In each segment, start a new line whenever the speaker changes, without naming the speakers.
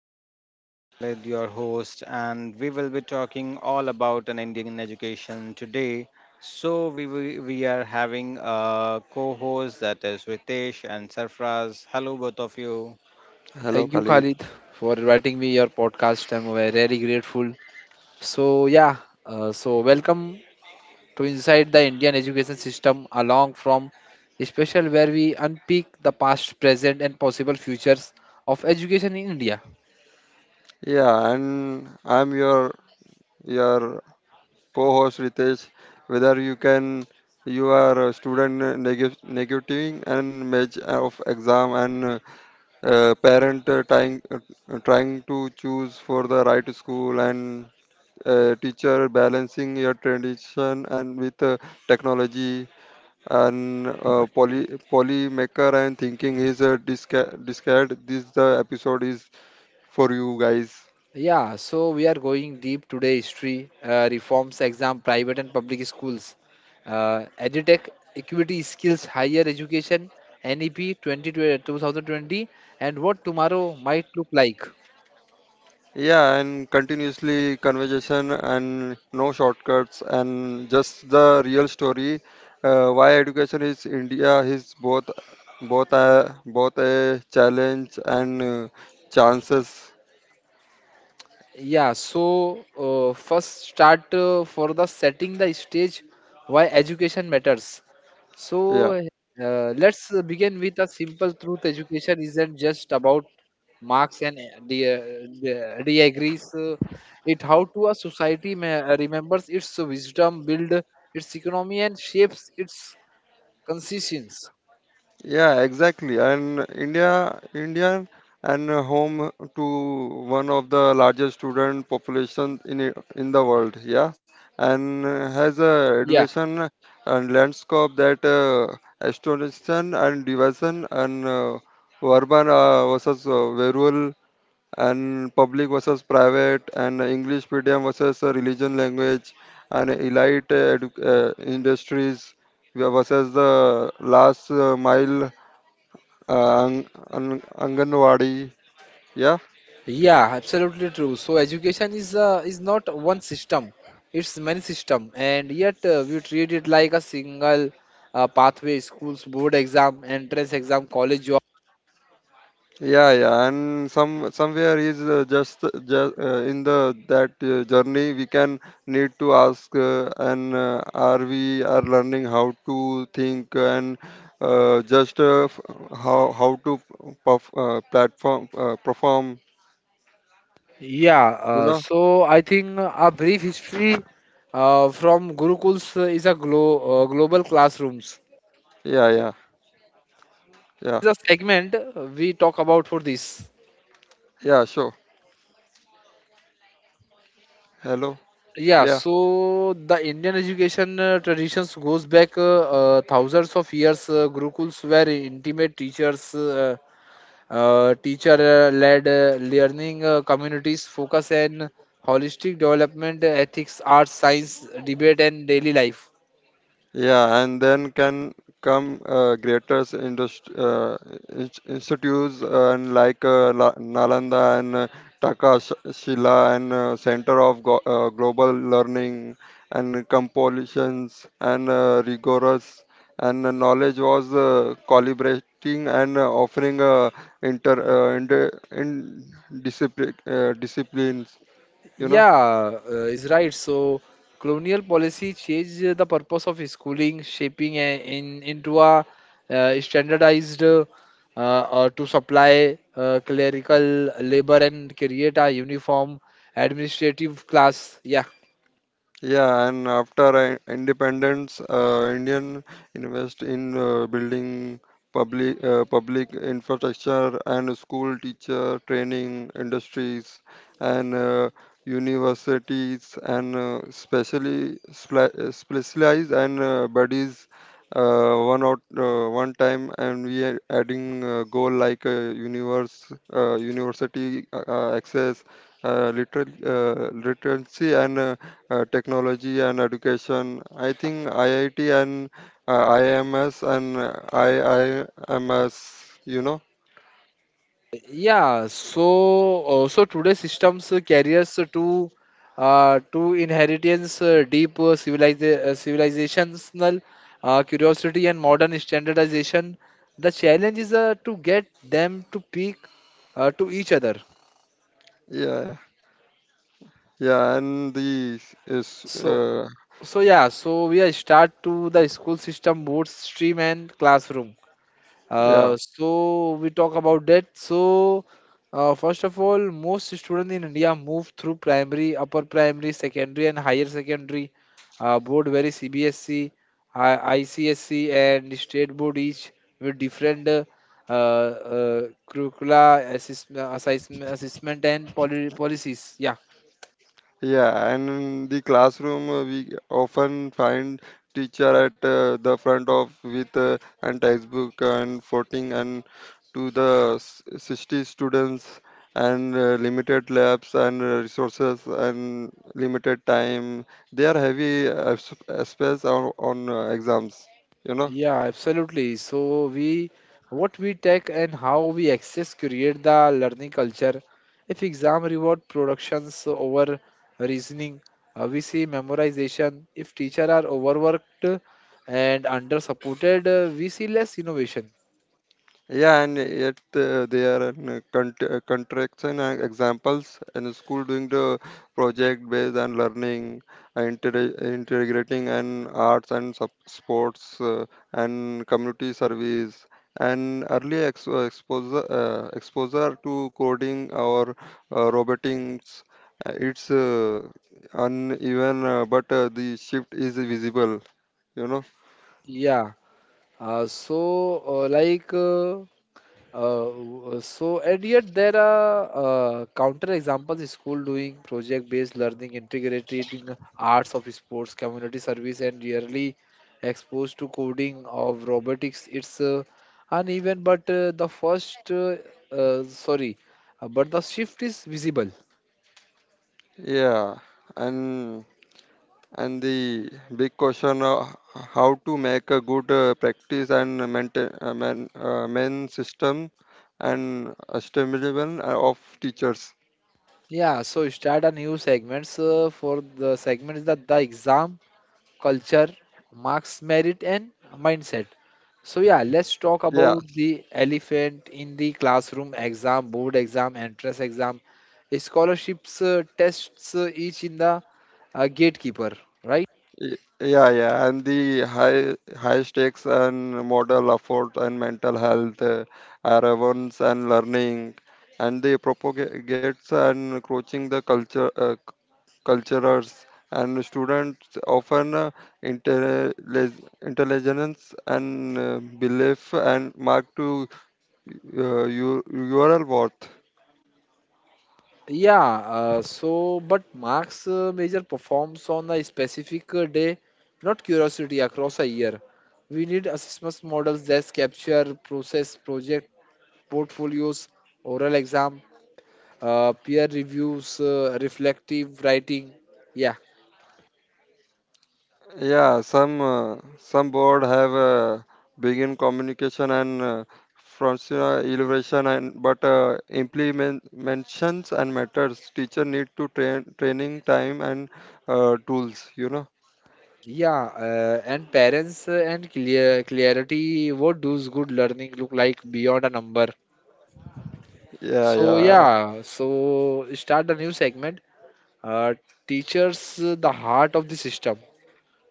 podcast. This is Khalid, your host, and we will be talking all about an Indian education today. So we are having a co-host that is Ritesh and Sarfraz. Hello, both of you.
Hello,
Thank you,
Khalid.
Khalid, for inviting me your podcast. I'm very grateful. So yeah, so welcome to Inside the Indian Education System, along from special where we unpick the past, present, and possible futures of education in India.
Yeah, and I'm your co-host Ritesh. Whether you can you are a student negating and match of exam and parent trying trying to choose for the right school and teacher balancing your tradition and with technology and poly maker and thinking is a discard this the episode is for you guys.
Yeah, so we are going deep today: history, reforms, exam, private and public schools, edutech, equity, skills, higher education, NEP 2020, 2020, and what tomorrow might look like.
Yeah, and continuously conversation and no shortcuts and just the real story. Why education is India is both a challenge and chances.
First start for the setting the stage why education matters. So
Yeah.
let's begin with a simple truth. Education isn't just about marks and degrees. It how to a society remembers its wisdom, build its economy, and shapes its conscience.
Yeah, exactly. And and home to one of the largest student population in in the world. Yeah, and has a education and landscape that astonishing and division and urban versus rural and public versus private and English medium versus religion language and elite industries versus the last mile uh, ang, Anganwadi. Yeah,
Yeah, absolutely true. So education is not one system; it's many system, and yet we treat it like a single pathway: schools, board exam, entrance exam, college job.
yeah, yeah. And somewhere is just in the that journey we can need to ask and are we are learning how to think and uh, just uh, f- how to perf- platform perform.
Yeah.
You
Uh,
know?
so I think a brief history from Gurukuls is a global classrooms.
Yeah, yeah, yeah,
This a segment we talk about for this.
yeah. Sure. Hello.
Yeah,
Yeah.
so the Indian education traditions goes back thousands of years. Gurukuls were intimate teachers, teacher-led learning communities focus on holistic development, ethics, arts, science, debate, and daily life.
Yeah, and then can come greater institutes and like Nalanda and Takashila and Center of Global Learning and compilations and rigorous and the knowledge was collaborating and offering inter inter- in discipline disciplines. You know.
Yeah, is right. So colonial policy changed the purpose of schooling, shaping a, in into a standardized to supply clerical labor and create a uniform administrative class. Yeah.
Yeah, and after independence, Indian invest in building public infrastructure and school teacher training industries and universities and specially specialized and bodies one time and we are adding goal like universe university access literacy and technology and education. I think IIT and IMS and IIMS, you know,
So today systems carriers to inheritance deep civilizational curiosity and modern standardization. The challenge is to get them to peak to each other.
yeah, yeah. Yeah, and the is
So so we are start to the school system, both stream and classroom.
yeah.
So we talk about that. So first of all, most students in India move through primary, upper primary, secondary, and higher secondary board. Very CBSC, ICSC, and state board each with different curricula, assessment, and policies. Yeah.
Yeah, and in the classroom, we often find teacher at the front of with and textbook and voting and to the 60 students and limited labs and resources and limited time. They are heavy space on exams, you know.
Yeah, absolutely. So we what we take and how we access create the learning culture. If exam reward productions over reasoning, we see memorization. If teacher are overworked and under supported, we see less innovation.
Yeah, and yet they are an, cont- contraction and examples and school doing the project based on learning, integrating and arts and sports and community service and early exposure to coding or robotics. It's uneven, but the shift is visible. You know.
Yeah. So like. So and yet there are counter examples school doing project based learning integrating arts of sports community service and yearly exposed to coding of robotics it's uneven but the first sorry but the shift is visible.
Yeah, and. And the big question: How to make a good practice and maintain main system and sustainable of teachers.
Yeah so start a new segments for the segments that the exam culture, marks, merit, and mindset. So, yeah, let's talk
Yeah,
about the elephant in the classroom exam, board exam, entrance exam, scholarships, tests, each in the gatekeeper, right?
yeah, yeah, and the high stakes and model effort and mental health, relevance and learning, and the propagates and coaching the cultures, and students often intelli- intelligence and belief and mark to your URL worth.
Yeah, so but marks measure performs on a specific day, not curiosity across a year. We need assessment models that capture process, project, portfolios, oral exam, peer reviews, reflective writing. Yeah,
Yeah, some board have begin communication and frontier elevation and but implementations and matters. Teacher need to train training time and tools. You know.
yeah, and parents and clear clarity. What does good learning look like beyond a number?
Yeah,
So
yeah.
yeah, so start a new segment. Uh, Teachers, the heart of the system.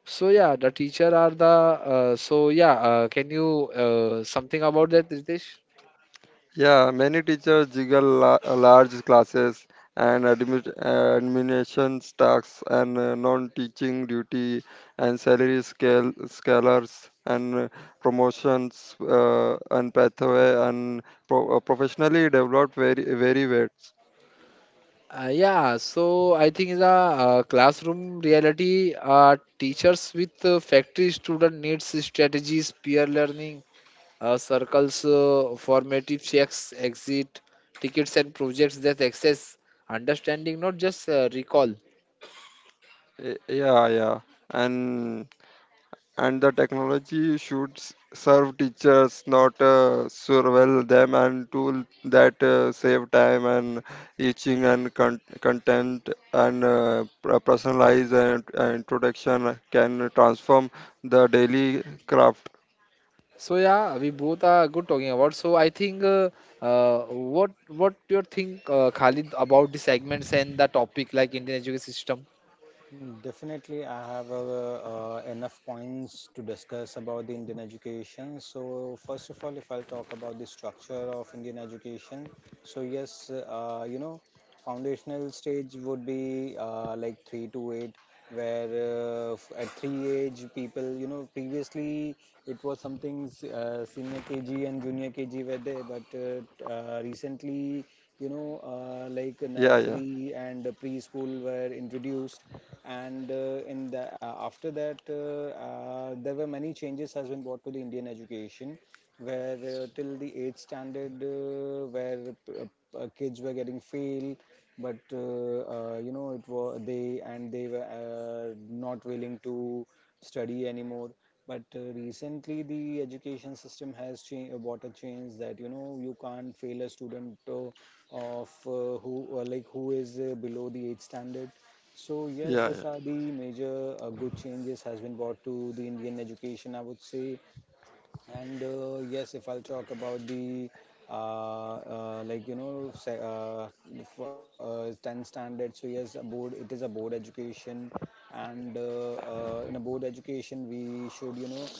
So yeah, the teacher are the. Can you something about that, Ritesh?
Yeah, many teachers juggle large classes and administration tasks and non-teaching duty and salary scale scalars and promotions and pathway and professionally developed very well.
Yeah, so I think in the classroom reality, teachers with factory student needs strategies, peer learning, circles, formative checks, exit, tickets and projects that access understanding, not just recall.
Yeah, yeah, and and the technology should serve teachers not surveil them and tool that save time and teaching and content and personalize and introduction can transform the daily craft.
So yeah, we both are good talking about. So I think what do you think, Khalid, about the segments and the topic like Indian education system?
Definitely, I have enough points to discuss about the Indian education. So, first of all, if I'll talk about the structure of Indian education, so yes, you know, foundational stage would be like three to eight, where at three age people, you know, previously it was something senior KG and junior KG were there, but recently, you know, like
Yeah, yeah,
nursery and preschool were introduced, and in the after that there were many changes has been brought to the Indian education, where till the 8th standard where kids were getting fail, but you know, it was they, and they were not willing to study anymore. But recently the education system has changed, brought a change that you know you can't fail a student of who like who is below the 8th standard. So yes,
yeah, yeah,
these are the major good changes has been brought to the Indian education, I would say. And yes, if I'll talk about the like you know 10 standards, so yes, a board education, and in a board education we should, you know,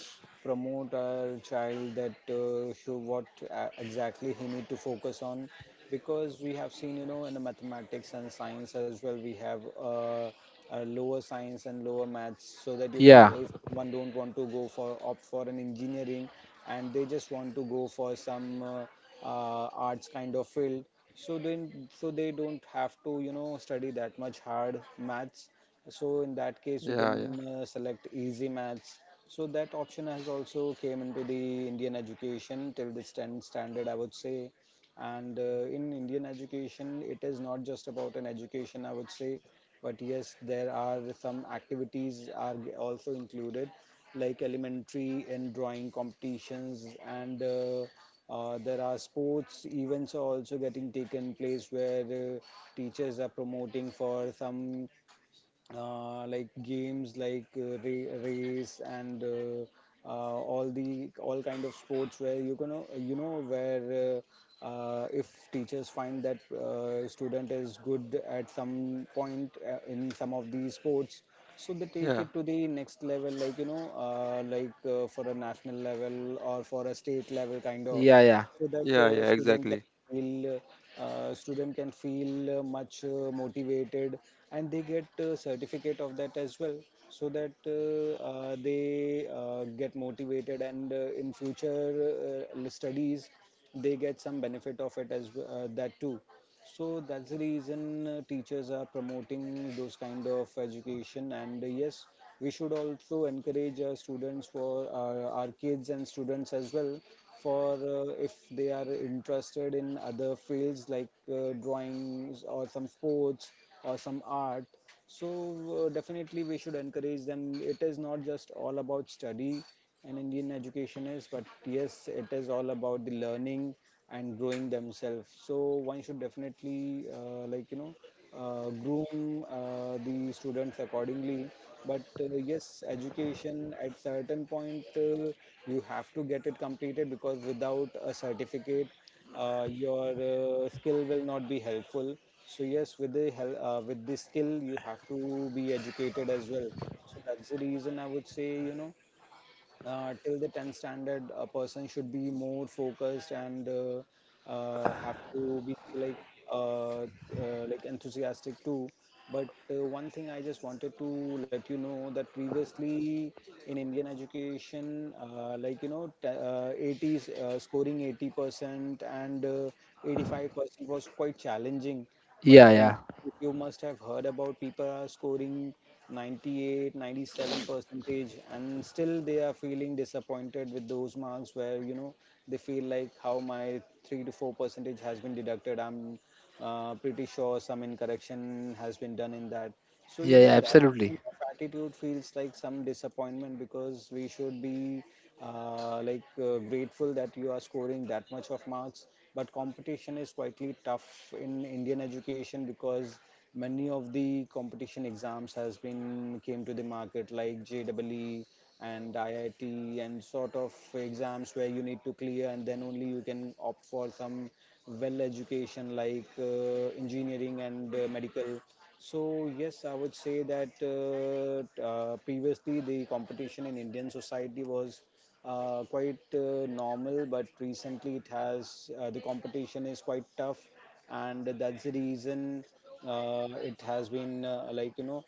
promote our child, that show what exactly he need to focus on. Because we have seen, you know, in the mathematics and science as well, we have lower science and lower maths, so that you know,
Yeah,
if one don't want to go for opt for an engineering, and they just want to go for some arts kind of field, so then so they don't have to, you know, study that much hard maths. So in that case you
yeah, yeah,
can select easy maths. So that option has also came into the Indian education till the 10 standard, I would say. And in Indian education it is not just about an education, I would say, but yes, there are some activities are also included, like elementary and drawing competitions. And there are sports events are also getting taken place, where teachers are promoting for some like games, like race and all the all kind of sports, where you can, you know, where if teachers find that student is good at some point in some of these sports, so they take
yeah,
it to the next level, like you know, like for a national level or for a state level kind of.
yeah, yeah,
So that
yeah, yeah, exactly,
feel student can feel much motivated, and they get a certificate of that as well. So that they get motivated, and in future studies they get some benefit of it as that too. So that's the reason teachers are promoting those kind of education. And yes, we should also encourage our students, for our kids and students as well, for if they are interested in other fields, like drawings or some sports or some art. So definitely we should encourage them. It is not just all about study in Indian education is, but yes, it is all about the learning and growing themselves. So one should definitely like you know, groom the students accordingly. But yes, education at certain point, you have to get it completed, because without a certificate, your skill will not be helpful. So yes, with the with the skill, you have to be educated as well. So that's the reason I would say, you know, till the 10th standard a person should be more focused, and have to be like enthusiastic too. But one thing I just wanted to let you know, that previously in Indian education, like you know, 80s, scoring 80% and 85% was quite challenging. But
yeah,
recently
yeah,
you must have heard about people are scoring 98 97 percentage, and still they are feeling disappointed with those marks, where you know they feel like how my 3 to 4 percentage has been deducted. I'm pretty sure some incorrection has been done in that. So you
yeah,
know
yeah,
that
absolutely.
kind of attitude feels like some disappointment, because we should be like grateful that you are scoring that much of marks. But competition is quietly tough in Indian education, because many of the competition exams has been came to the market, like JWE and IIT and sort of exams, where you need to clear and then only you can opt for some well education, like engineering and medical. So yes, I would say that previously the competition in Indian society was quite normal, but recently it has the competition is quite tough. And that's the reason it has been like you know,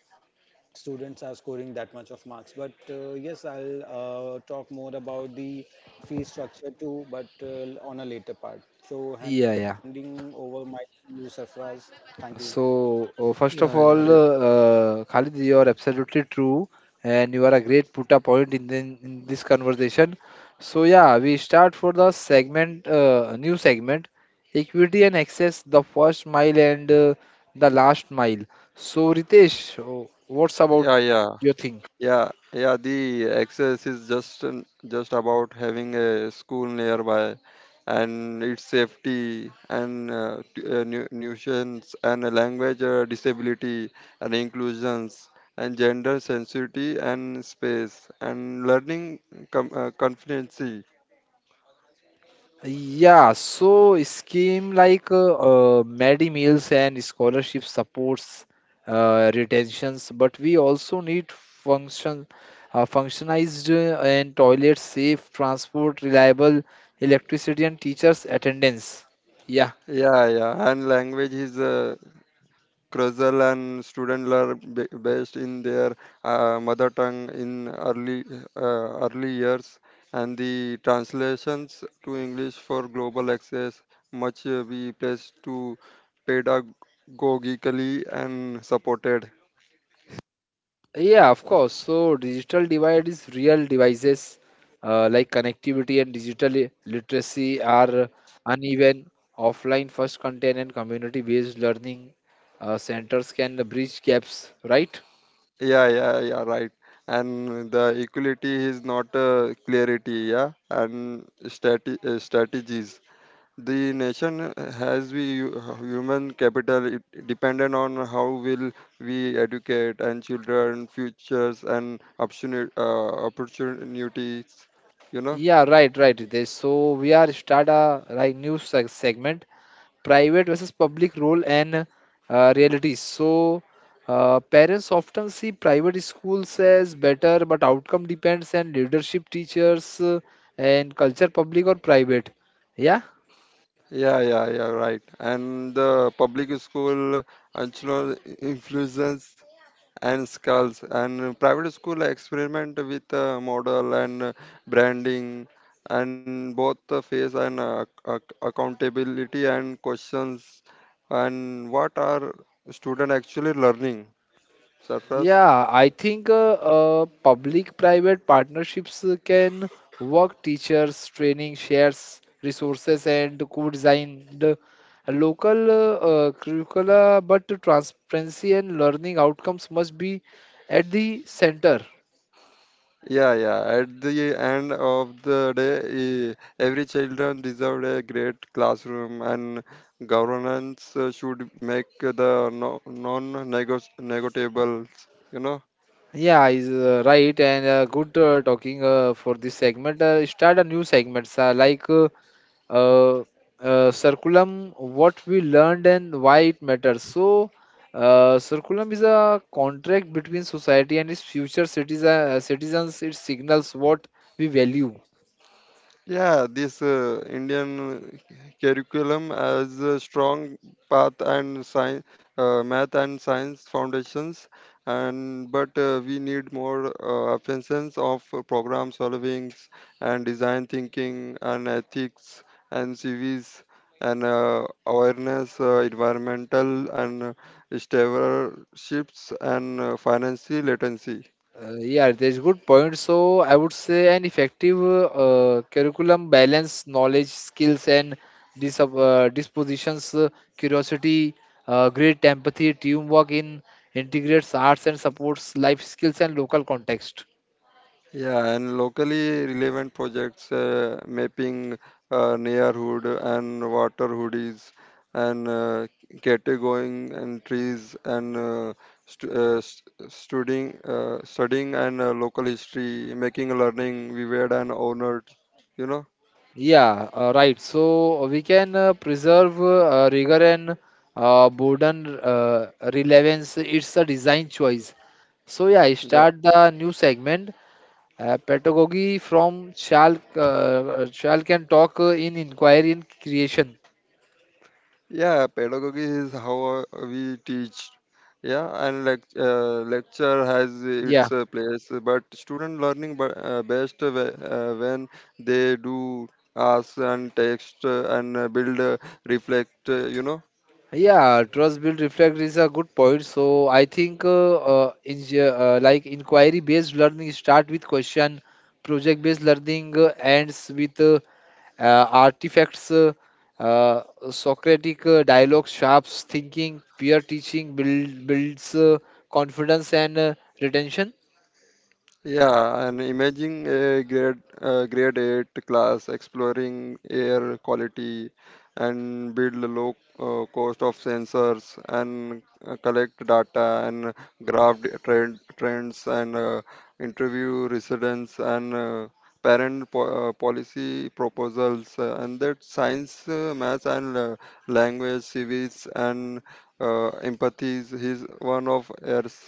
students are scoring that much of marks. But yes, I'll talk more about the fee structure too, but on a later part. So
Yeah, yeah.
handing over my to Sarfaraz, thank you.
So, first
yeah,
of
yeah,
all,
yeah,
Khalid, you are absolutely true, and you are a great put a point in, the, in this conversation. So, yeah, we start for the segment, new segment, equity and access, the first mile and the last mile. So, Ritesh, what's about
yeah, yeah.
your thing?
Yeah, yeah, the access is just about having a school nearby and its safety and nuisance and language disability and inclusions and gender sensitivity and space and learning competency.
Yeah, so scheme like Medi Meals and scholarship supports retentions, but we also need function, functionized and toilets, safe transport, reliable electricity, and teachers' attendance. Yeah.
Yeah, yeah, and language is Krusal and students learn best in their mother tongue in early years, and the translations to English for global access much be placed to pedagogically and supported.
Yeah, of course. So digital divide is real devices like connectivity and digital literacy are uneven. Offline first content and community-based learning centers can bridge gaps, right?
Yeah, yeah, yeah, right. And the equality is not clarity, yeah, and strategies. The nation has we human capital it dependent on how will we educate and children futures and opportunities. You know.
Yeah, right, right. They, so we are start a like new segment private versus public role and realities. So, parents often see private schools as better, but outcome depends on leadership, teachers, and culture, public or private. Yeah.
Yeah, yeah, yeah, right. And the public school actually influences and skulls and private school experiment with model and branding and both the face and accountability and questions and what are student actually learning surface.
Yeah, I think public-private partnerships can work teachers, training, shares, resources, and co-design the local curricula, but transparency and learning outcomes must be at the center.
Yeah, yeah, at the end of the day, eh, every children deserve a great classroom and governance should make the no, non negotiables, you know.
Yeah, is Right and good talking for this segment. Start a new segments like uh, circulum what we learned and why it matters. So circulum is a contract between society and its future citizen, citizens. It signals what we value.
Yeah, this Indian curriculum has a strong path and science, math and science foundations, and but we need more emphasis of program solving and design thinking and ethics and CVs and awareness, environmental and stewardship and financial literacy.
Yeah that's good point, so I would say an effective curriculum balance knowledge skills and dispositions curiosity great empathy teamwork in integrates arts and supports life skills and local context.
Yeah, and locally relevant projects, mapping neighborhood and water hoodies and categorizing and trees and studying and local history, making learning vivid and honored. You know.
Yeah, right. So we can preserve rigor and boredom relevance. It's a design choice. So yeah, I start the new segment. Pedagogy from Shal can talk in inquiry and creation.
Yeah, pedagogy is how we teach. Yeah, and lecture has its
Yeah,
place, but student learning best when they do ask and text and build, reflect. You know.
yeah. Trust build reflect is a good point. So I think like inquiry based learning start with question, project based learning ends with artifacts, uh, Socratic dialogue, sharps thinking, builds confidence and retention.
Yeah, and imagine a grade eight class exploring air quality and build a low cost of sensors and collect data and graph the trends and interview residents and parent policy proposals and that science, math and language, civics and empathies is one of ours.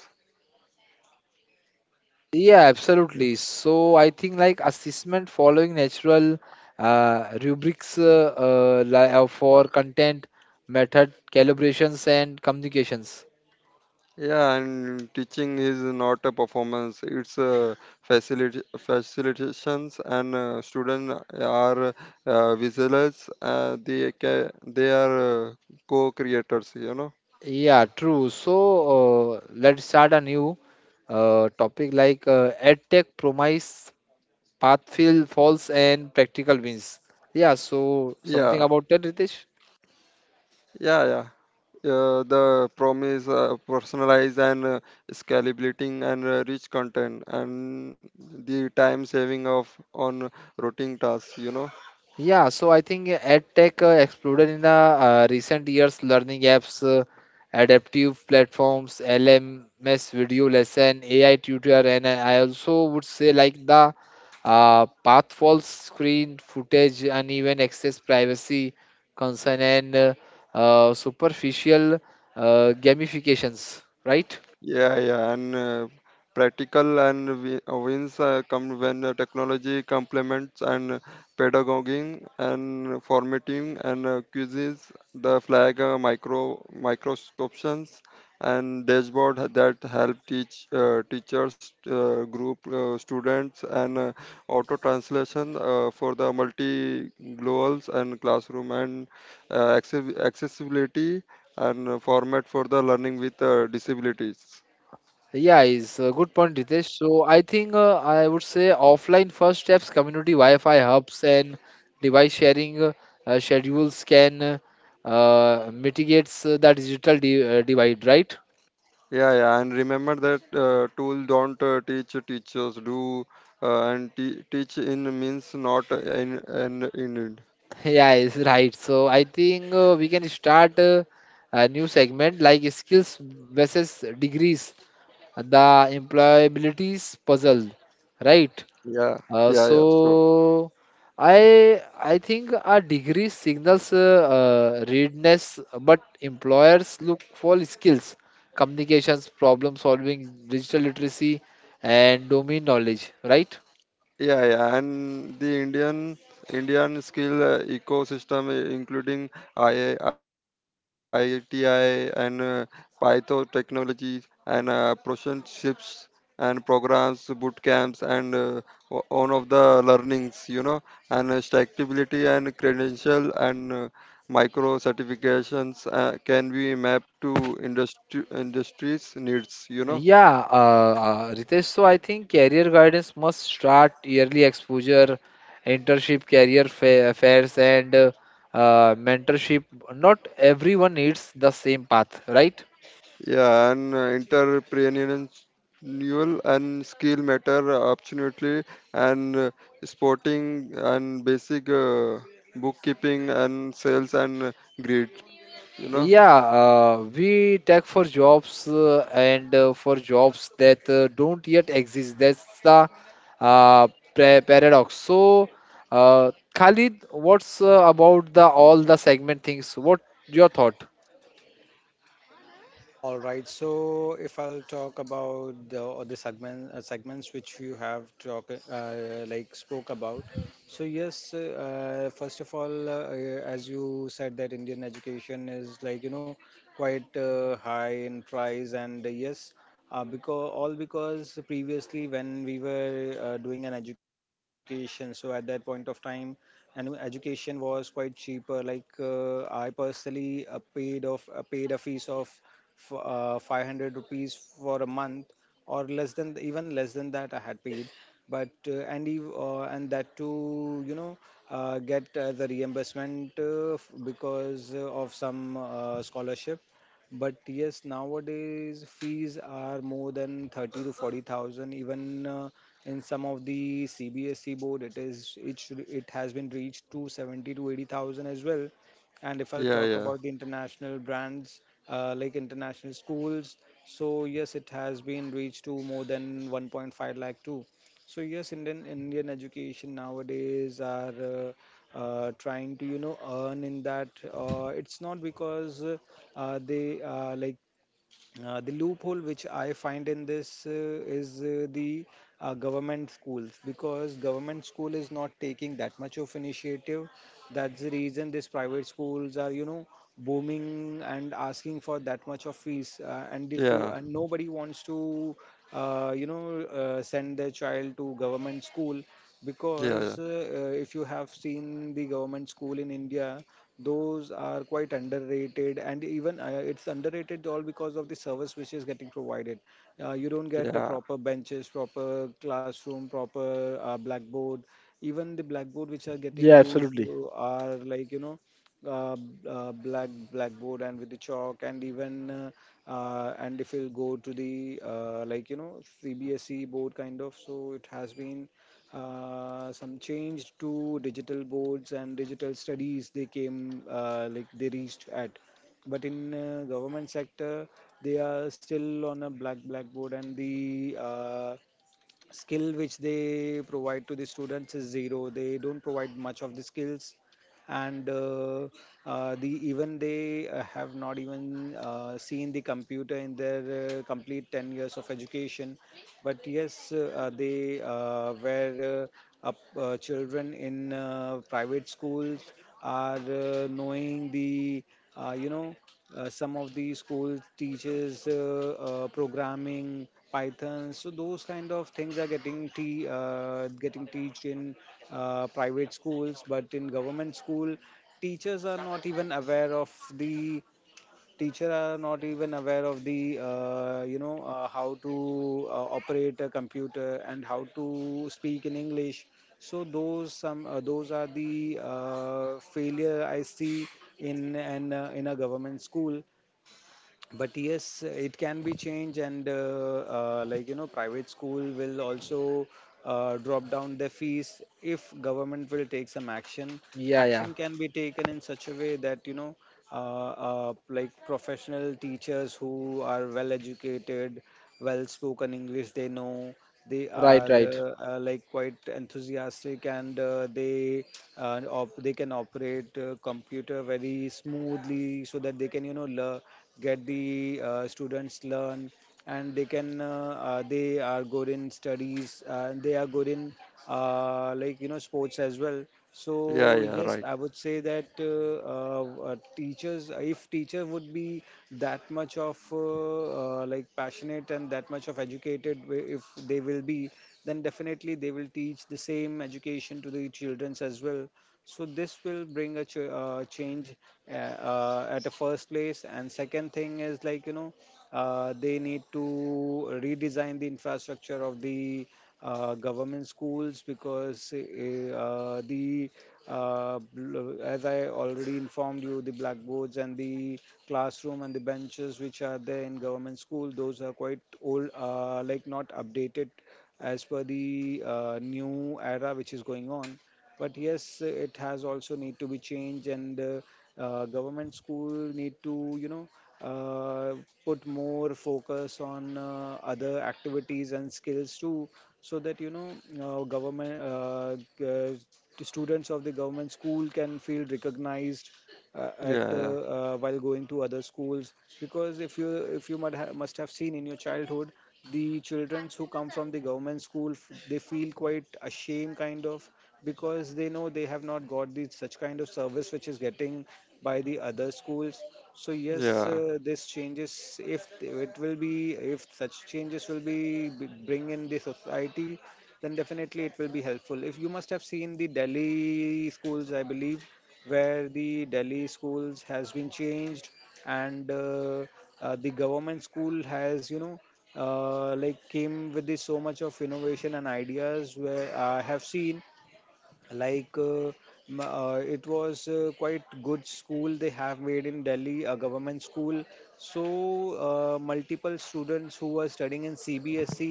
Yeah, absolutely. So I think like assessment following natural rubrics for content, method, calibrations, and communications.
Yeah, and teaching is not a performance; it's a facility facilitations, and students are visualize. They are co-creators. You know.
Yeah, true. So let's start a new topic like EdTech promise path feel false and practical wins. Yeah, so something
Yeah,
about that, Ritesh?
yeah, yeah. The promise personalized and scalability and rich content and the time saving of on routine tasks. You know.
Yeah, so I think EdTech exploded in the recent years. Learning apps, adaptive platforms, LMS video lesson, AI tutor, and I also would say like the path false screen footage, uneven access, privacy concern, and superficial gamifications, right?
Yeah, yeah, and practical and wins come when technology complements and pedagoguing and formatting and quizzes, the flag micro microscopes and dashboard that help teachers group students and auto translation for the multi globals and classroom and accessibility and format for the learning with disabilities.
Yeah, it's a good point, Ritesh. So I think I would say offline first steps, community Wi-Fi hubs and device sharing schedules can mitigates the digital di divide, right?
Yeah, yeah, and remember that tool don't teach teachers do and teach in means not in and in it.
Yeah, it's right. So I think we can start a new segment like skills versus degrees, the employabilities puzzle, right?
Yeah,
Uh,
yeah, yeah, sure.
so I think a degree signals readiness, but employers look for skills, communications, problem solving, digital literacy, and domain knowledge, right?
Yeah, yeah, and the Indian skill ecosystem, including II, IITI and Python technology and apprenticeships and programs, boot camps, and one of the learnings, you know, and stackability and credential and micro certifications can be mapped to industry industries needs, you know.
Yeah, Ritesh, so I think career guidance must start yearly exposure, internship, career fa fairs, and mentorship. Not everyone needs the same path, right?
Yeah, and entrepreneurial and skill matter absolutely, and sporting and basic bookkeeping and sales and grid. You know?
Yeah, we tech for jobs and for jobs that don't yet exist. That's the uh, paradox. So, Khalid, what's about the all the segment things? What your thought?
All right. So if I'll talk about the other segments which you have talk like spoke about. So yes, first of all, as you said that Indian education is like you know quite high in price, and yes, because all because previously when we were doing an education, so at that point of time, and education was quite cheaper. Like I personally paid a fees of 500 rupees for a month, or less than, even less than that I had paid. But and that to, you know, get the reimbursement because of some scholarship. But yes, nowadays fees are more than 30 to 40,000. Even in some of the CBSE board, it is it should it has been reached to 70 to 80,000 as well. And if I'll
Yeah,
talk
yeah,
about the international brands, like international schools, so yes, it has been reached to more than 1.5 lakh too. So yes, Indian education nowadays are trying to, you know, earn in that. It's not because they like the loophole which I find in this is the government schools, because government school is not taking that much of initiative. That's the reason these private schools are, you know, booming and asking for that much of fees. And if you,
yeah,
and nobody wants to, you know, send their child to government school,
yeah,
because if you have seen the government school in India, those are quite underrated. And even it's underrated all because of the service which is getting provided. You don't
yeah,
get a
yeah,
proper benches, proper classroom, proper blackboard. Even the blackboard which are getting
Yeah,
used
absolutely.
are like you know, uh, black blackboard and with the chalk. And even and if you'll go to the like you know CBSE board kind of, so it has been some change to digital boards and digital studies, they came like they reached at. But in government sector they are still on a black blackboard. And the skill which they provide to the students is zero, they don't provide much of the skills. And the even they have not even seen the computer in their complete 10 years of education. But yes, they were up children in private schools are knowing the you know, some of the schools teaches programming python, so those kind of things are getting getting teached in private schools. But in government school, teachers are not even aware of the teacher are not even aware of the you know, how to operate a computer, and how to speak in English. So those some those are the failure I see in an in a government school. But yes, it can be changed, and like you know, private school will also drop down the fees if government will take some action.
Yeah, yeah,
Action can be taken in such a way that you know, like professional teachers who are well educated, well spoken English they know, they
right,
are
right.
like quite enthusiastic, and they they can operate computer very smoothly so that they can get the students learn. And they can they are good in studies, and they are good in sports as well.
yeah,
So
yeah.
yes,
Right.
I would say that teachers, if teacher would be that much of like passionate and that much of if they will be, then definitely they will teach the same education to the childrens as well. So this will bring a change at the first place. And second thing is they need to redesign the infrastructure of the government schools, because the as I already informed you, the blackboards and the classroom and the benches which are there in government school, those are quite old, like not updated as per the new era which is going on. But yes, it has also need to be changed. And government school need to uh, put more focus on other activities and skills too, so that uh, government uh, g- uh, the students of the government school can feel recognized at
Yeah,
while going to other schools. Because if you must have seen in your childhood, the children who come from the government they feel quite ashamed kind of, because they know they have not got the such kind of service which is getting by the other schools. So
yeah,
yes,
yeah,
this changes, if it will be, if such changes will be bring in the society, then definitely it will be helpful. If you must have seen the Delhi schools, I believe, where the Delhi schools has been changed. And the government school has like came with this so much of innovation and ideas, where I have seen like uh, it was quite good school they have made in Delhi, a government school. So multiple students who were studying in CBSE,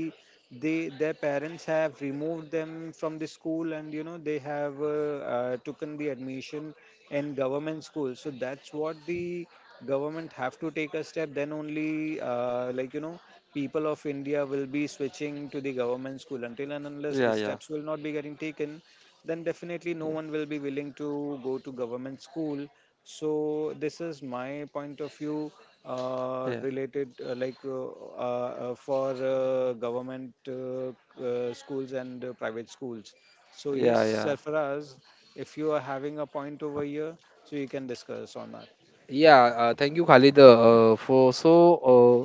they, their parents have removed them from the school, and you know they have taken the admission in government school. So that's what the government have to take a step, then only like you know people of India will be switching to the government school. Until and
yeah, yeah,
unless
yeah,
the steps will not be getting taken, then definitely no one will be willing to go to government school. So this is my point of view
yeah,
related like for government schools and private schools. So yes,
yeah, yeah,
Sarfaraz, if you are having a point over here, so you can discuss on that.
Yeah, thank you, Khalid, for so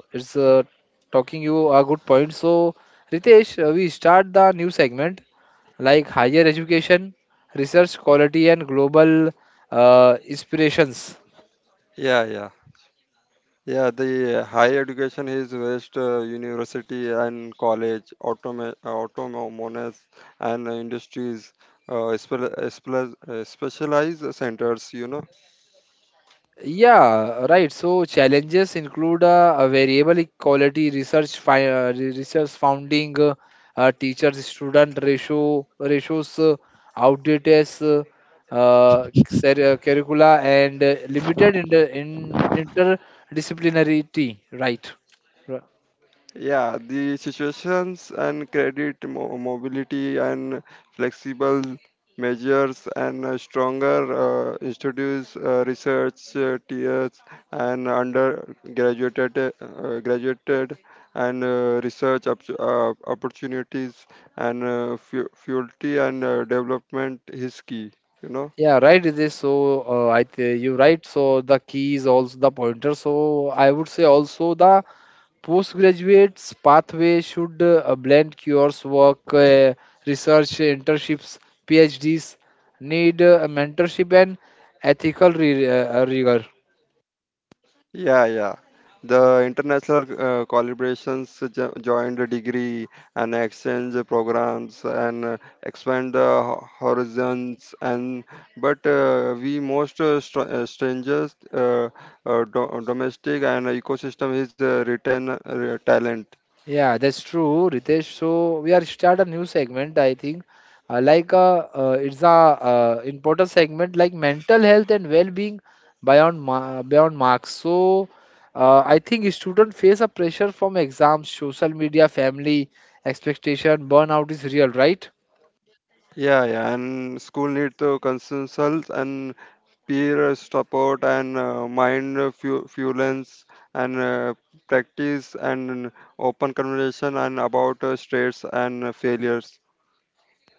it's talking you a good point. So, Ritesh, we start the new segment, like higher education, research quality, and global inspirations.
yeah. Yeah. Yeah, the higher education is West University and college, automa- autonomous and industries, specialized centers, you know.
Yeah, right. So challenges include a variable equality, research, research funding, teachers-student ratio, ratios, outdated curricula, and limited in interdisciplinarity. Right.
Yeah, the situations and credit mobility and flexible measures and stronger institutes, research tiers and undergraduated graduated and research opportunities and faculty and development is key. You know.
Yeah, right, It is. So, I th you right. So the key is also the pointer. So I would say also the postgraduate's pathway should blend cures work, research, internships, PhDs, need mentorship and ethical re rigor.
Yeah, yeah. The international collaborations joined a degree and exchange programs and expand the horizons. And but we most strangers domestic and ecosystem is retain talent.
Yeah, that's true, Ritesh. So we are start a new segment, I think. It's a important segment like mental health and well-being beyond marks. So I think students face a pressure from exams, social media, family expectation. Burnout is real, right?
Yeah, yeah, and school need to consult and peer support and mind fuelance and practice and open conversation and about stress and failures.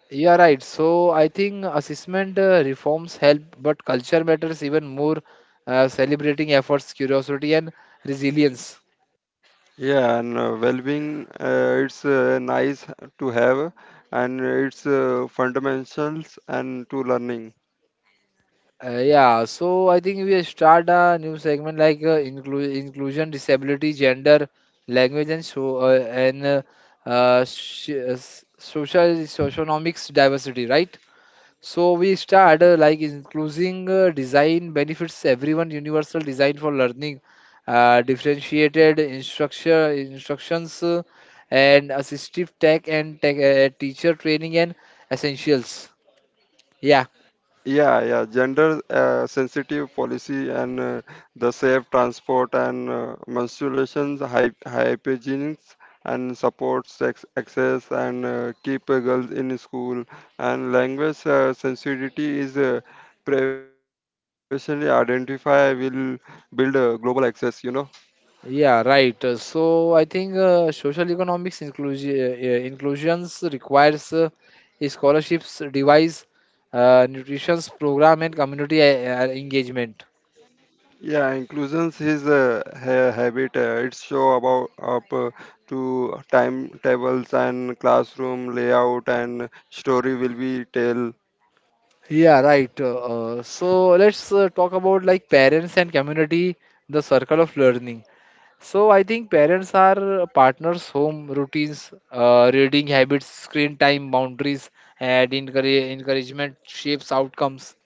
Yeah, right. So I think assessment reforms help, but culture matters even more. Celebrating efforts, curiosity, and resilience.
Yeah, and well-being, it's nice to have and it's fundamentals and to learning.
Yeah, so I think we start a new segment like inclusion, disability, gender, language, and social socioeconomics diversity, right? So we start like including design benefits everyone, universal design for learning, differentiated instructions, and assistive tech and tech, teacher training and essentials. Yeah.
Yeah, yeah, gender sensitive policy and the safe transport and menstruations, hy hygienics and support sex access and keep girls in school and language sensitivity is previously identified will build global access, you know.
Yeah, right. So I think social economics inclusions requires a scholarships device, nutrition's program, and community engagement.
Yeah, inclusions is a habit. It's show about up to timetables and classroom layout and story will be tell.
Yeah, right. So let's talk about like parents and community, the circle of learning. So I think parents are partners, home routines, reading habits, screen time boundaries, and encouragement shapes outcomes.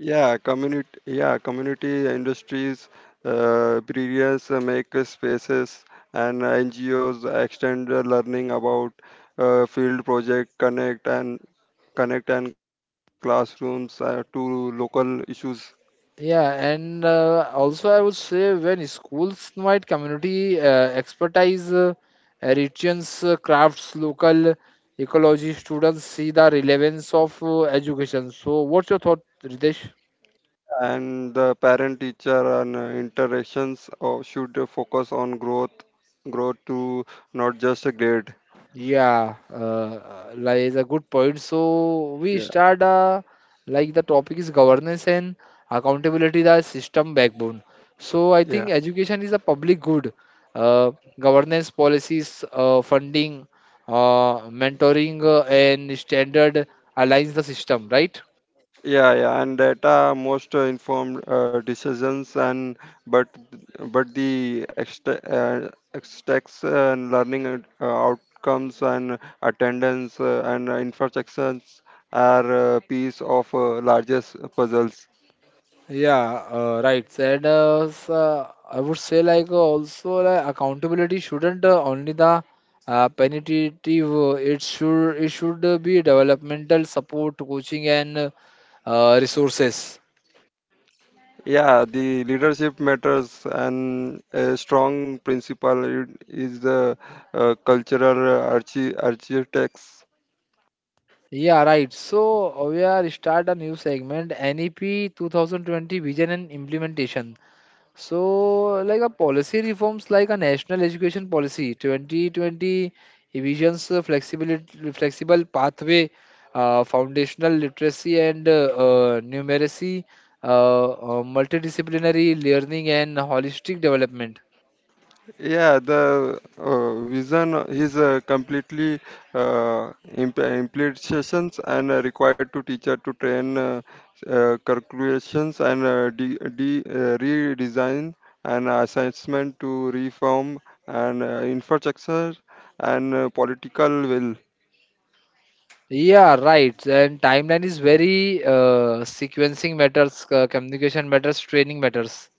Yeah, community. Yeah, community industries, breeders make spaces and NGOs extend the learning about field project connect and connect and classrooms to local issues
Yeah, and also I would say when schools invite community expertise, regions, crafts, local ecology, students see the relevance of education. So, what's your thought, Ritesh?
and the parent teacher and interactions or should focus on growth to not just a grade.
Yeah, like is a good point. So we
Yeah,
start like the topic is governance and accountability, the system backbone. So I
yeah,
think education is a public good. Uh, governance policies, funding, mentoring, and standard aligns the system, right?
yeah, yeah, and data most informed decisions and but but the extra extracts and learning and, outcomes and attendance and infrastructures are piece of largest puzzles.
Yeah, right. And I would say like also like accountability shouldn't only the punitive. It should be developmental support, coaching, and resources.
Yeah, the leadership matters, and a strong principle is the cultural architects.
Yeah, right. So we are start a new segment, NEP 2020 Vision and Implementation. So, like a policy reforms like a national education policy 2020 visions flexibility, flexible pathway, foundational literacy and numeracy, uh, multidisciplinary learning and holistic development.
Yeah, the vision is completely implications and required to teacher to train calculations and redesign and assessment to reform and infrastructure and political will.
Yeah, right. And timeline is very sequencing matters, communication matters, training matters.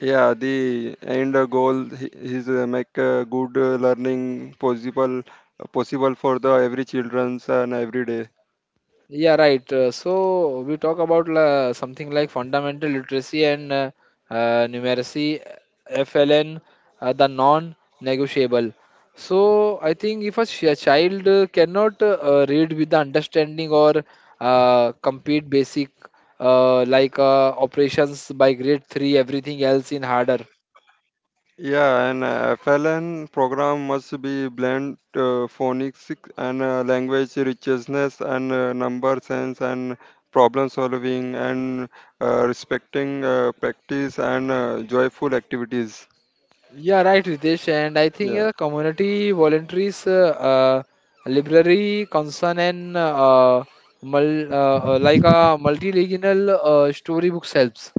Yeah, the end goal is make good learning possible for the every childrens and every day.
Yeah, right. So we talk about la, something like fundamental literacy and numeracy, FLN, the non-negotiable. So I think if a child cannot read with the understanding or complete basic like operations by grade three, everything else in harder.
Yeah, and FLN program must be blend phonics and language richness and number sense and problem solving and respecting practice and joyful activities.
Yeah, right, Ritesh. And I think
Yeah.
community volunteers, library concern and like a multilingual storybooks helps.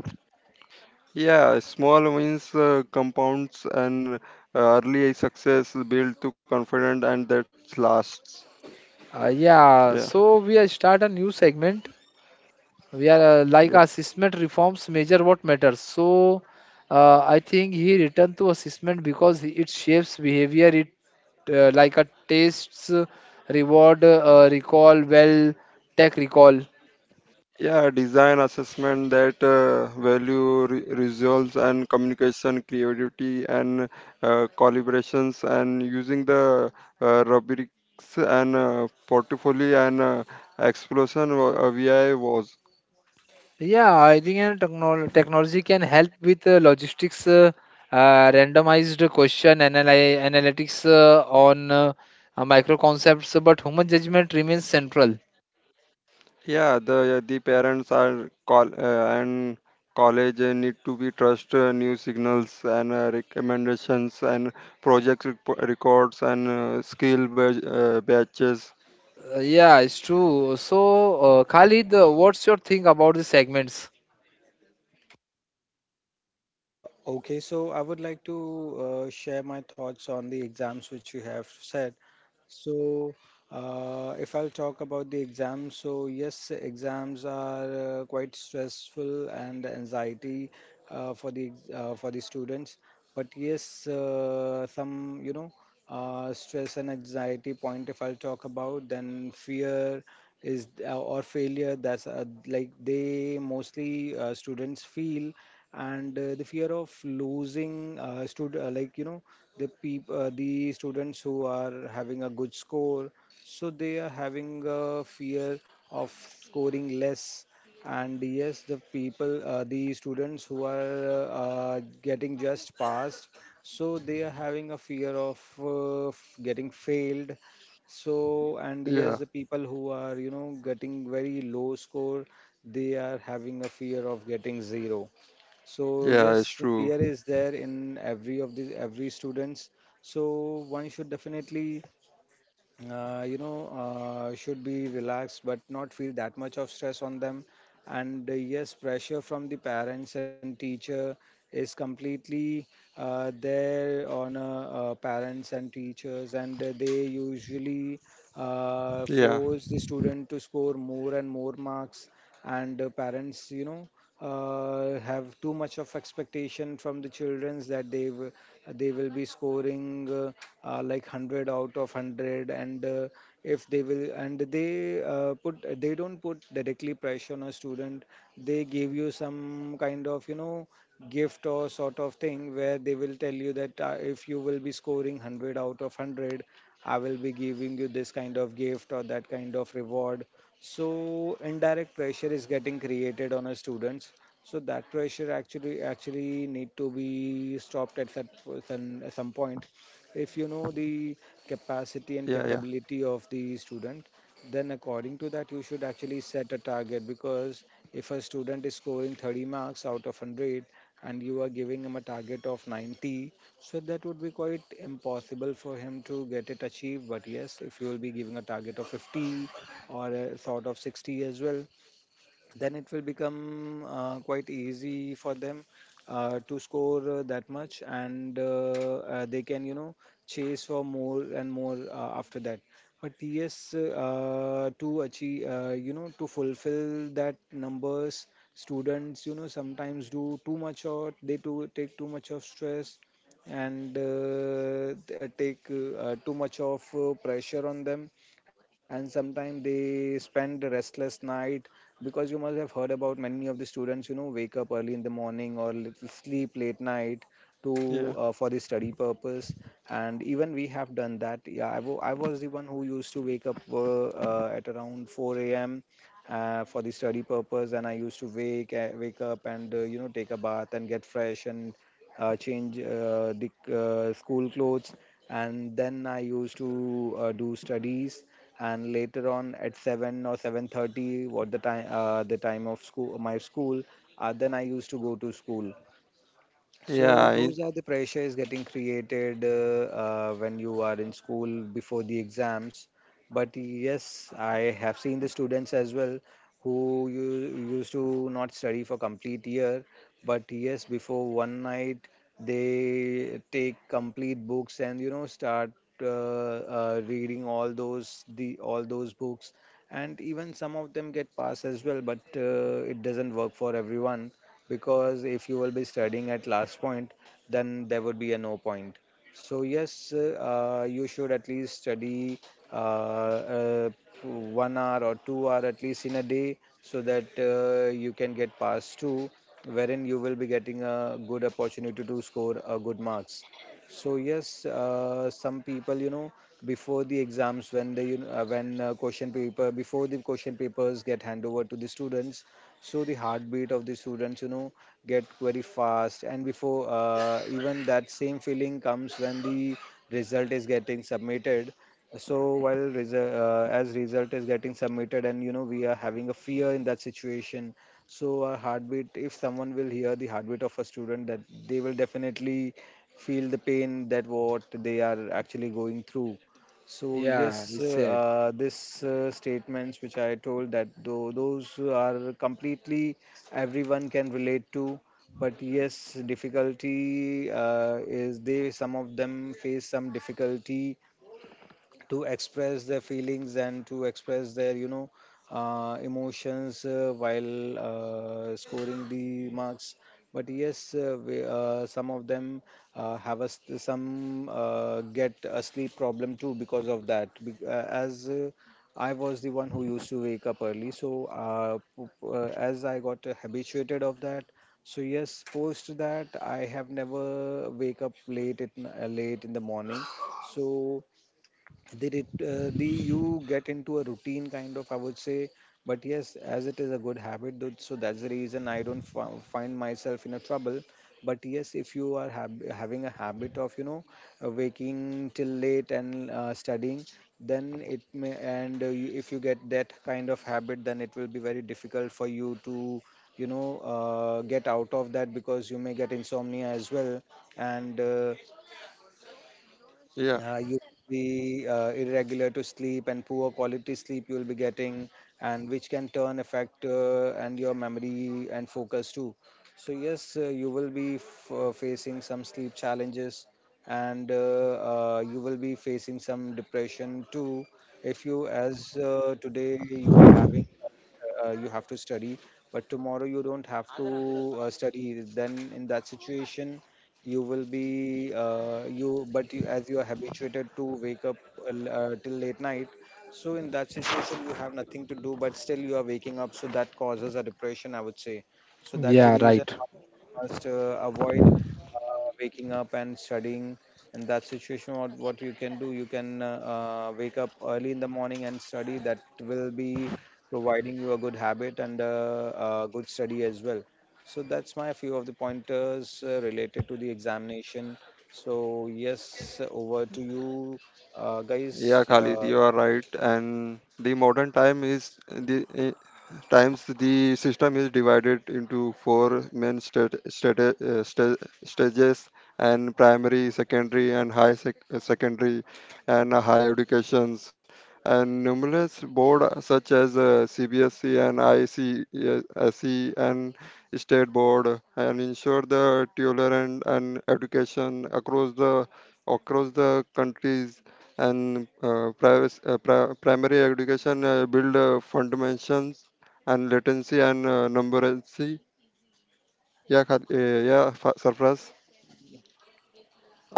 Yeah, small wins compounds and early success build to confidence and that lasts. Yeah,
Yeah, so we are start a new segment. We are like
yeah.
assessment reforms measure what matters. So I think he returned to assessment because it shapes behavior. It like a tastes, reward, recall, well, tech recall.
Yeah, design assessment that value results and communication, creativity and collaborations and using the rubrics and portfolio and explosion VI was.
Yeah, I think technology can help with logistics, randomized question analytics on micro concepts, but human judgment remains central.
Yeah, the parents are call and college need to be trust new signals and recommendations and project records and skill badge, batches.
Yeah, it's true. So, Khalid, what's your thing about the segments?
Okay, so I would like to share my thoughts on the exams which you have said. So, if I'll talk about the exams, so yes, exams are quite stressful and anxiety for the students. But yes, some stress and anxiety point, if I'll talk about, then fear is or failure, that's they mostly, students feel. And the fear of losing stud- like you know the peop- the students who are having a good score, so they are having a fear of scoring less. And yes, the people, the students who are getting just passed, so they are having a fear of getting failed. So and
Yeah,
yes, the people who are you know getting very low score, they are having a fear of getting zero. So
yeah,
yes,
it's
the
true.
fear is there in every of the every students. So one should definitely should be relaxed but not feel that much of stress on them. And yes, pressure from the parents and teacher is completely there on parents and teachers. And they usually
Yeah,
force the student to score more and more marks. And parents, you know, have too much of expectation from the childrens that they will be scoring 100 out of 100. And if they will, and they put they don't put directly pressure on a student, they give you some kind of you know gift or sort of thing, where they will tell you that if you will be scoring 100 out of 100, I will be giving you this kind of gift or that kind of reward. So indirect pressure is getting created on our students. So that pressure actually need to be stopped at at some point. If you know the
yeah, yeah,
capacity and capability of the student, then according to that you should actually set a target. Because if a student is scoring 30 marks out of 100 and you are giving him a target of 90, so that would be quite impossible for him to get it achieved. But yes, if you will be giving a target of 50 or sort of 60 as well, then it will become quite easy for them to score that much. And they can you know chase for more and more after that. But yes, to achieve, to fulfill that numbers, students you know sometimes do too much, or they too take too much of stress, and take too much of pressure on them. And sometimes they spend a restless night, because you must have heard about many of the students you know wake up early in the morning or little sleep late night to
yeah,
for the study purpose. And even we have done that. Yeah, I was the one who used to wake up at around 4 a.m. For the study purpose. And I used to wake up and you know take a bath and get fresh and change the school clothes, and then I used to do studies. And later on, at 7 or 7:30, what the time of school, my school, then I used to go to school. So
yeah,
those
I,
are the pressures getting created when you are in school before the exams. But yes, I have seen the students as well who used to not study for complete year, but yes, before one night they take complete books and you know start reading all those books, and even some of them get passed as well. But it doesn't work for everyone. Because if you will be studying at last point, then there would be a no point. So yes, you should at least study uh, uh, 1 hour or 2 hour at least in a day, so that you can get past two, wherein you will be getting a good opportunity to score a good marks. So yes, some people, you know, before the exams, when question paper before the question papers get hand over to the students, so the heartbeat of the students, you know, get very fast. And before even that, same feeling comes when the result is getting submitted. So while as result is getting submitted and you know we are having a fear in that situation, so our heartbeat, if someone will hear the heartbeat of a student, that they will definitely feel the pain that what they are actually going through. So
Yeah,
yes,
he said.
this statements which I told, that those are completely everyone can relate to. But yes, difficulty is, they some of them face some difficulty to express their feelings and to express their you know emotions while scoring the marks. But yes, some of them have a, s- some get a sleep problem too because of that. As I was the one who used to wake up early, so as I got habituated of that, so yes, post that I have never wake up late at, late in the morning. So the, you get into a routine kind of, I would say. But yes, as it is a good habit though, so that's the reason I don't find myself in a trouble. But yes, if you are having a habit of you know waking till late and studying, then it may, and if you get that kind of habit, then it will be very difficult for you to you know get out of that, because you may get insomnia as well. And
yeah,
you will be irregular to Sleep and poor quality sleep you will be getting, and which can turn affect and your memory and focus too. So yes, you will be facing some sleep challenges. And You will be facing some depression too. If you as today you are having, you have to study, but tomorrow you don't have to study, then in that situation you will be you but you, as you are habituated to wake up till late night. So in that situation you have nothing to do, but still you are waking up, so that causes a depression, I would say. So that's the
Yeah,
reason
right.
why you must avoid waking up and studying. In that situation what you can do, you can wake up early in the morning and study. That will be providing you a good habit and good study as well. So that's my few of the pointers related to the examination. So yes, over to you,
yeah.
guys.
Khalid, you are right. And the modern time is the times the system is divided into four main stages and primary secondary and high secondary and higher educations and numerous board such as cbsc and icse and state board and ensure the tolerant and education across the countries and privacy, primary education build fundamentals and latency and numeracy या खात. Yeah, Sarfaraz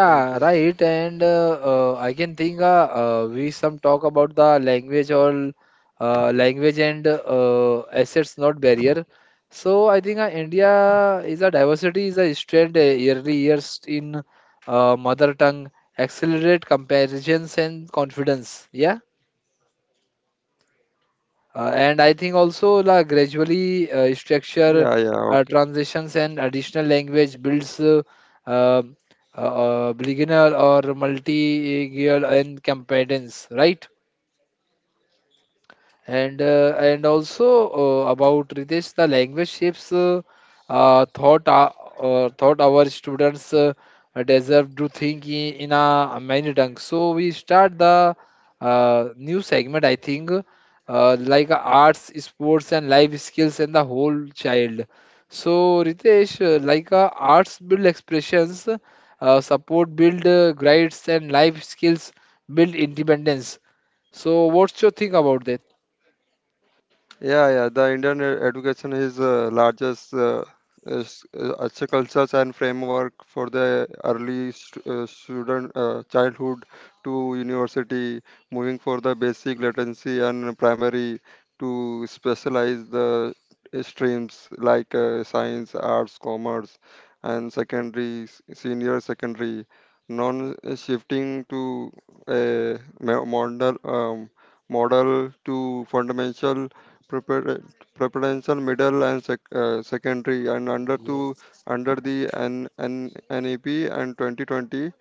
Yeah, right. And I can think we some talk about the language or language and assets, not barrier. So I think India is a diversity is a strength yearly years in mother tongue, accelerate comparisons and confidence. Yeah. And I think also la gradually structure
या या.
transitions and additional language builds um, beginner or multi-gear and competence, right? And and also about Ritesh, the language shapes uh, thought uh, thought our students deserve to think in a many tongues. So we start the new segment, I think, like arts, sports, and life skills, and the whole child. So Ritesh, like arts build expressions, support build grades, and life skills build independence. So what's your think about that?
Yeah, yeah. The Indian education is largest as a cultures and framework for the early student childhood to university, moving for the basic literacy and primary to specialize the streams like science, arts, commerce, and secondary, senior secondary, non-shifting to a model model to fundamental prepar- preferential, middle, and secondary, and under to
Yes.
under the NEP and 2020,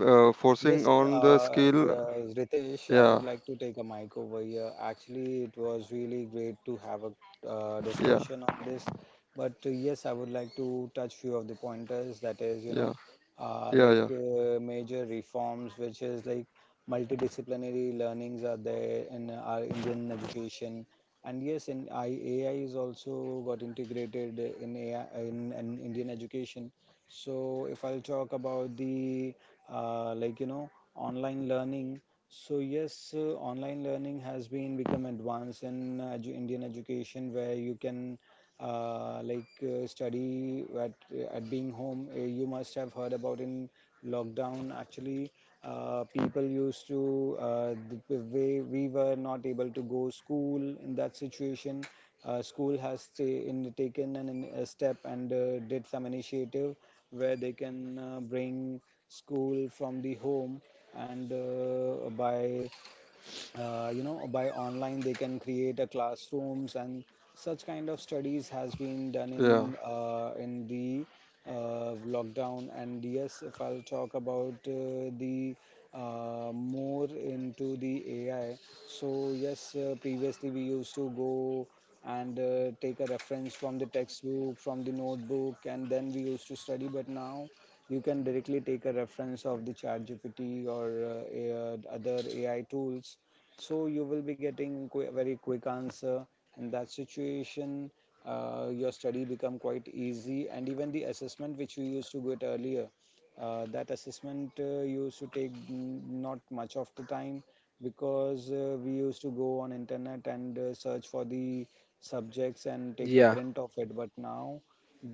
forcing
Yes, uh,
on the
uh,
skill.
Ritesh, I
Yeah,
would like to take a mic over here. Actually, it was really great to have a
yeah,
discussion on this. But yes, I would like to touch few of the pointers. That is, you
yeah,
know,
yeah, yeah,
major reforms, which is like multidisciplinary learnings are there in our Indian education. And yes, AI is also got integrated in AI in Indian education. So if I'll talk about the, uh, like you know online learning. So yes, online learning has been become advanced in Indian education, where you can study at being home. You must have heard about in lockdown. Actually, people used to the way we were not able to go school. In that situation school has ta- in, taken a step and did some initiative where they can bring school from the home, and by you know by online they can create a classrooms, and such kind of studies has been done
yeah,
in the lockdown. And yes, if I'll talk about the more into the AI, so yes, previously we used to go and take a reference from the textbook, from the notebook, and then we used to study. But now you can directly take a reference of the chat GPT or other AI tools, so you will be getting very quick answer. In that situation your study become quite easy. And even the assessment which we used to get earlier, that assessment used to take not much of the time, because we used to go on internet and search for the subjects and take a
Yeah,
print of it. But now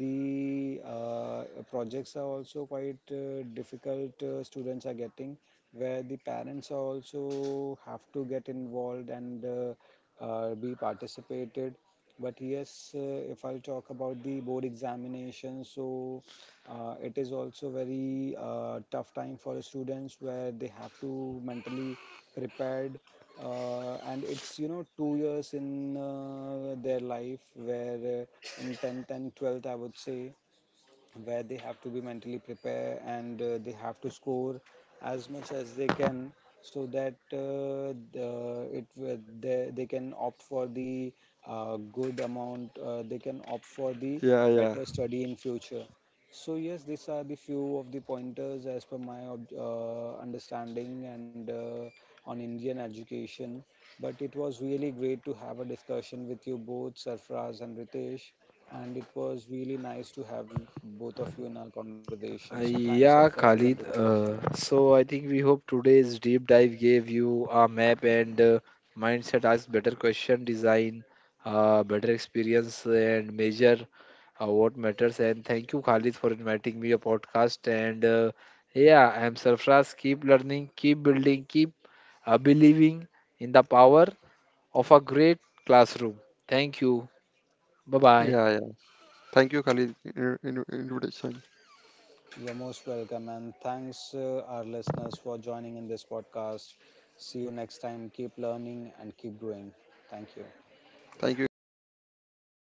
the, projects are also quite difficult students are getting, where the parents also have to get involved and be participated. But yes, if I'll talk about the board examination, so it is also very tough time for the students, where they have to mentally prepared, and it's, you know, 2 years in their life, where in 10th and 12th I would say, where they have to be mentally prepared and they have to score as much as they can, so that they can opt for the good amount they can opt for the
yeah, yeah,
better study in future. So yes, these are the few of the pointers as per my understanding and on Indian education. But it was really great to have a discussion with you both, Sarfraz and Ritesh, and it was really nice to have you, both of you, in our conversation. So thanks,
yeah,
Sarfaraz and
Khalid.
Ritesh.
So I think we hope today's deep dive gave you a map and mindset, ask better question design, better experience, and measure what matters. And thank you, Khalid, for inviting me a podcast. And yeah, I'm Sarfraz. Keep learning, keep building, keep believing in the power of a great classroom. Thank you. Bye bye.
yeah, yeah. Thank you, Khalid, invitation.
You're most welcome, and thanks our listeners for joining in this podcast. See you next time. Keep learning and keep growing. Thank you.
Thank you,
Thank
guys.
you.
Thank.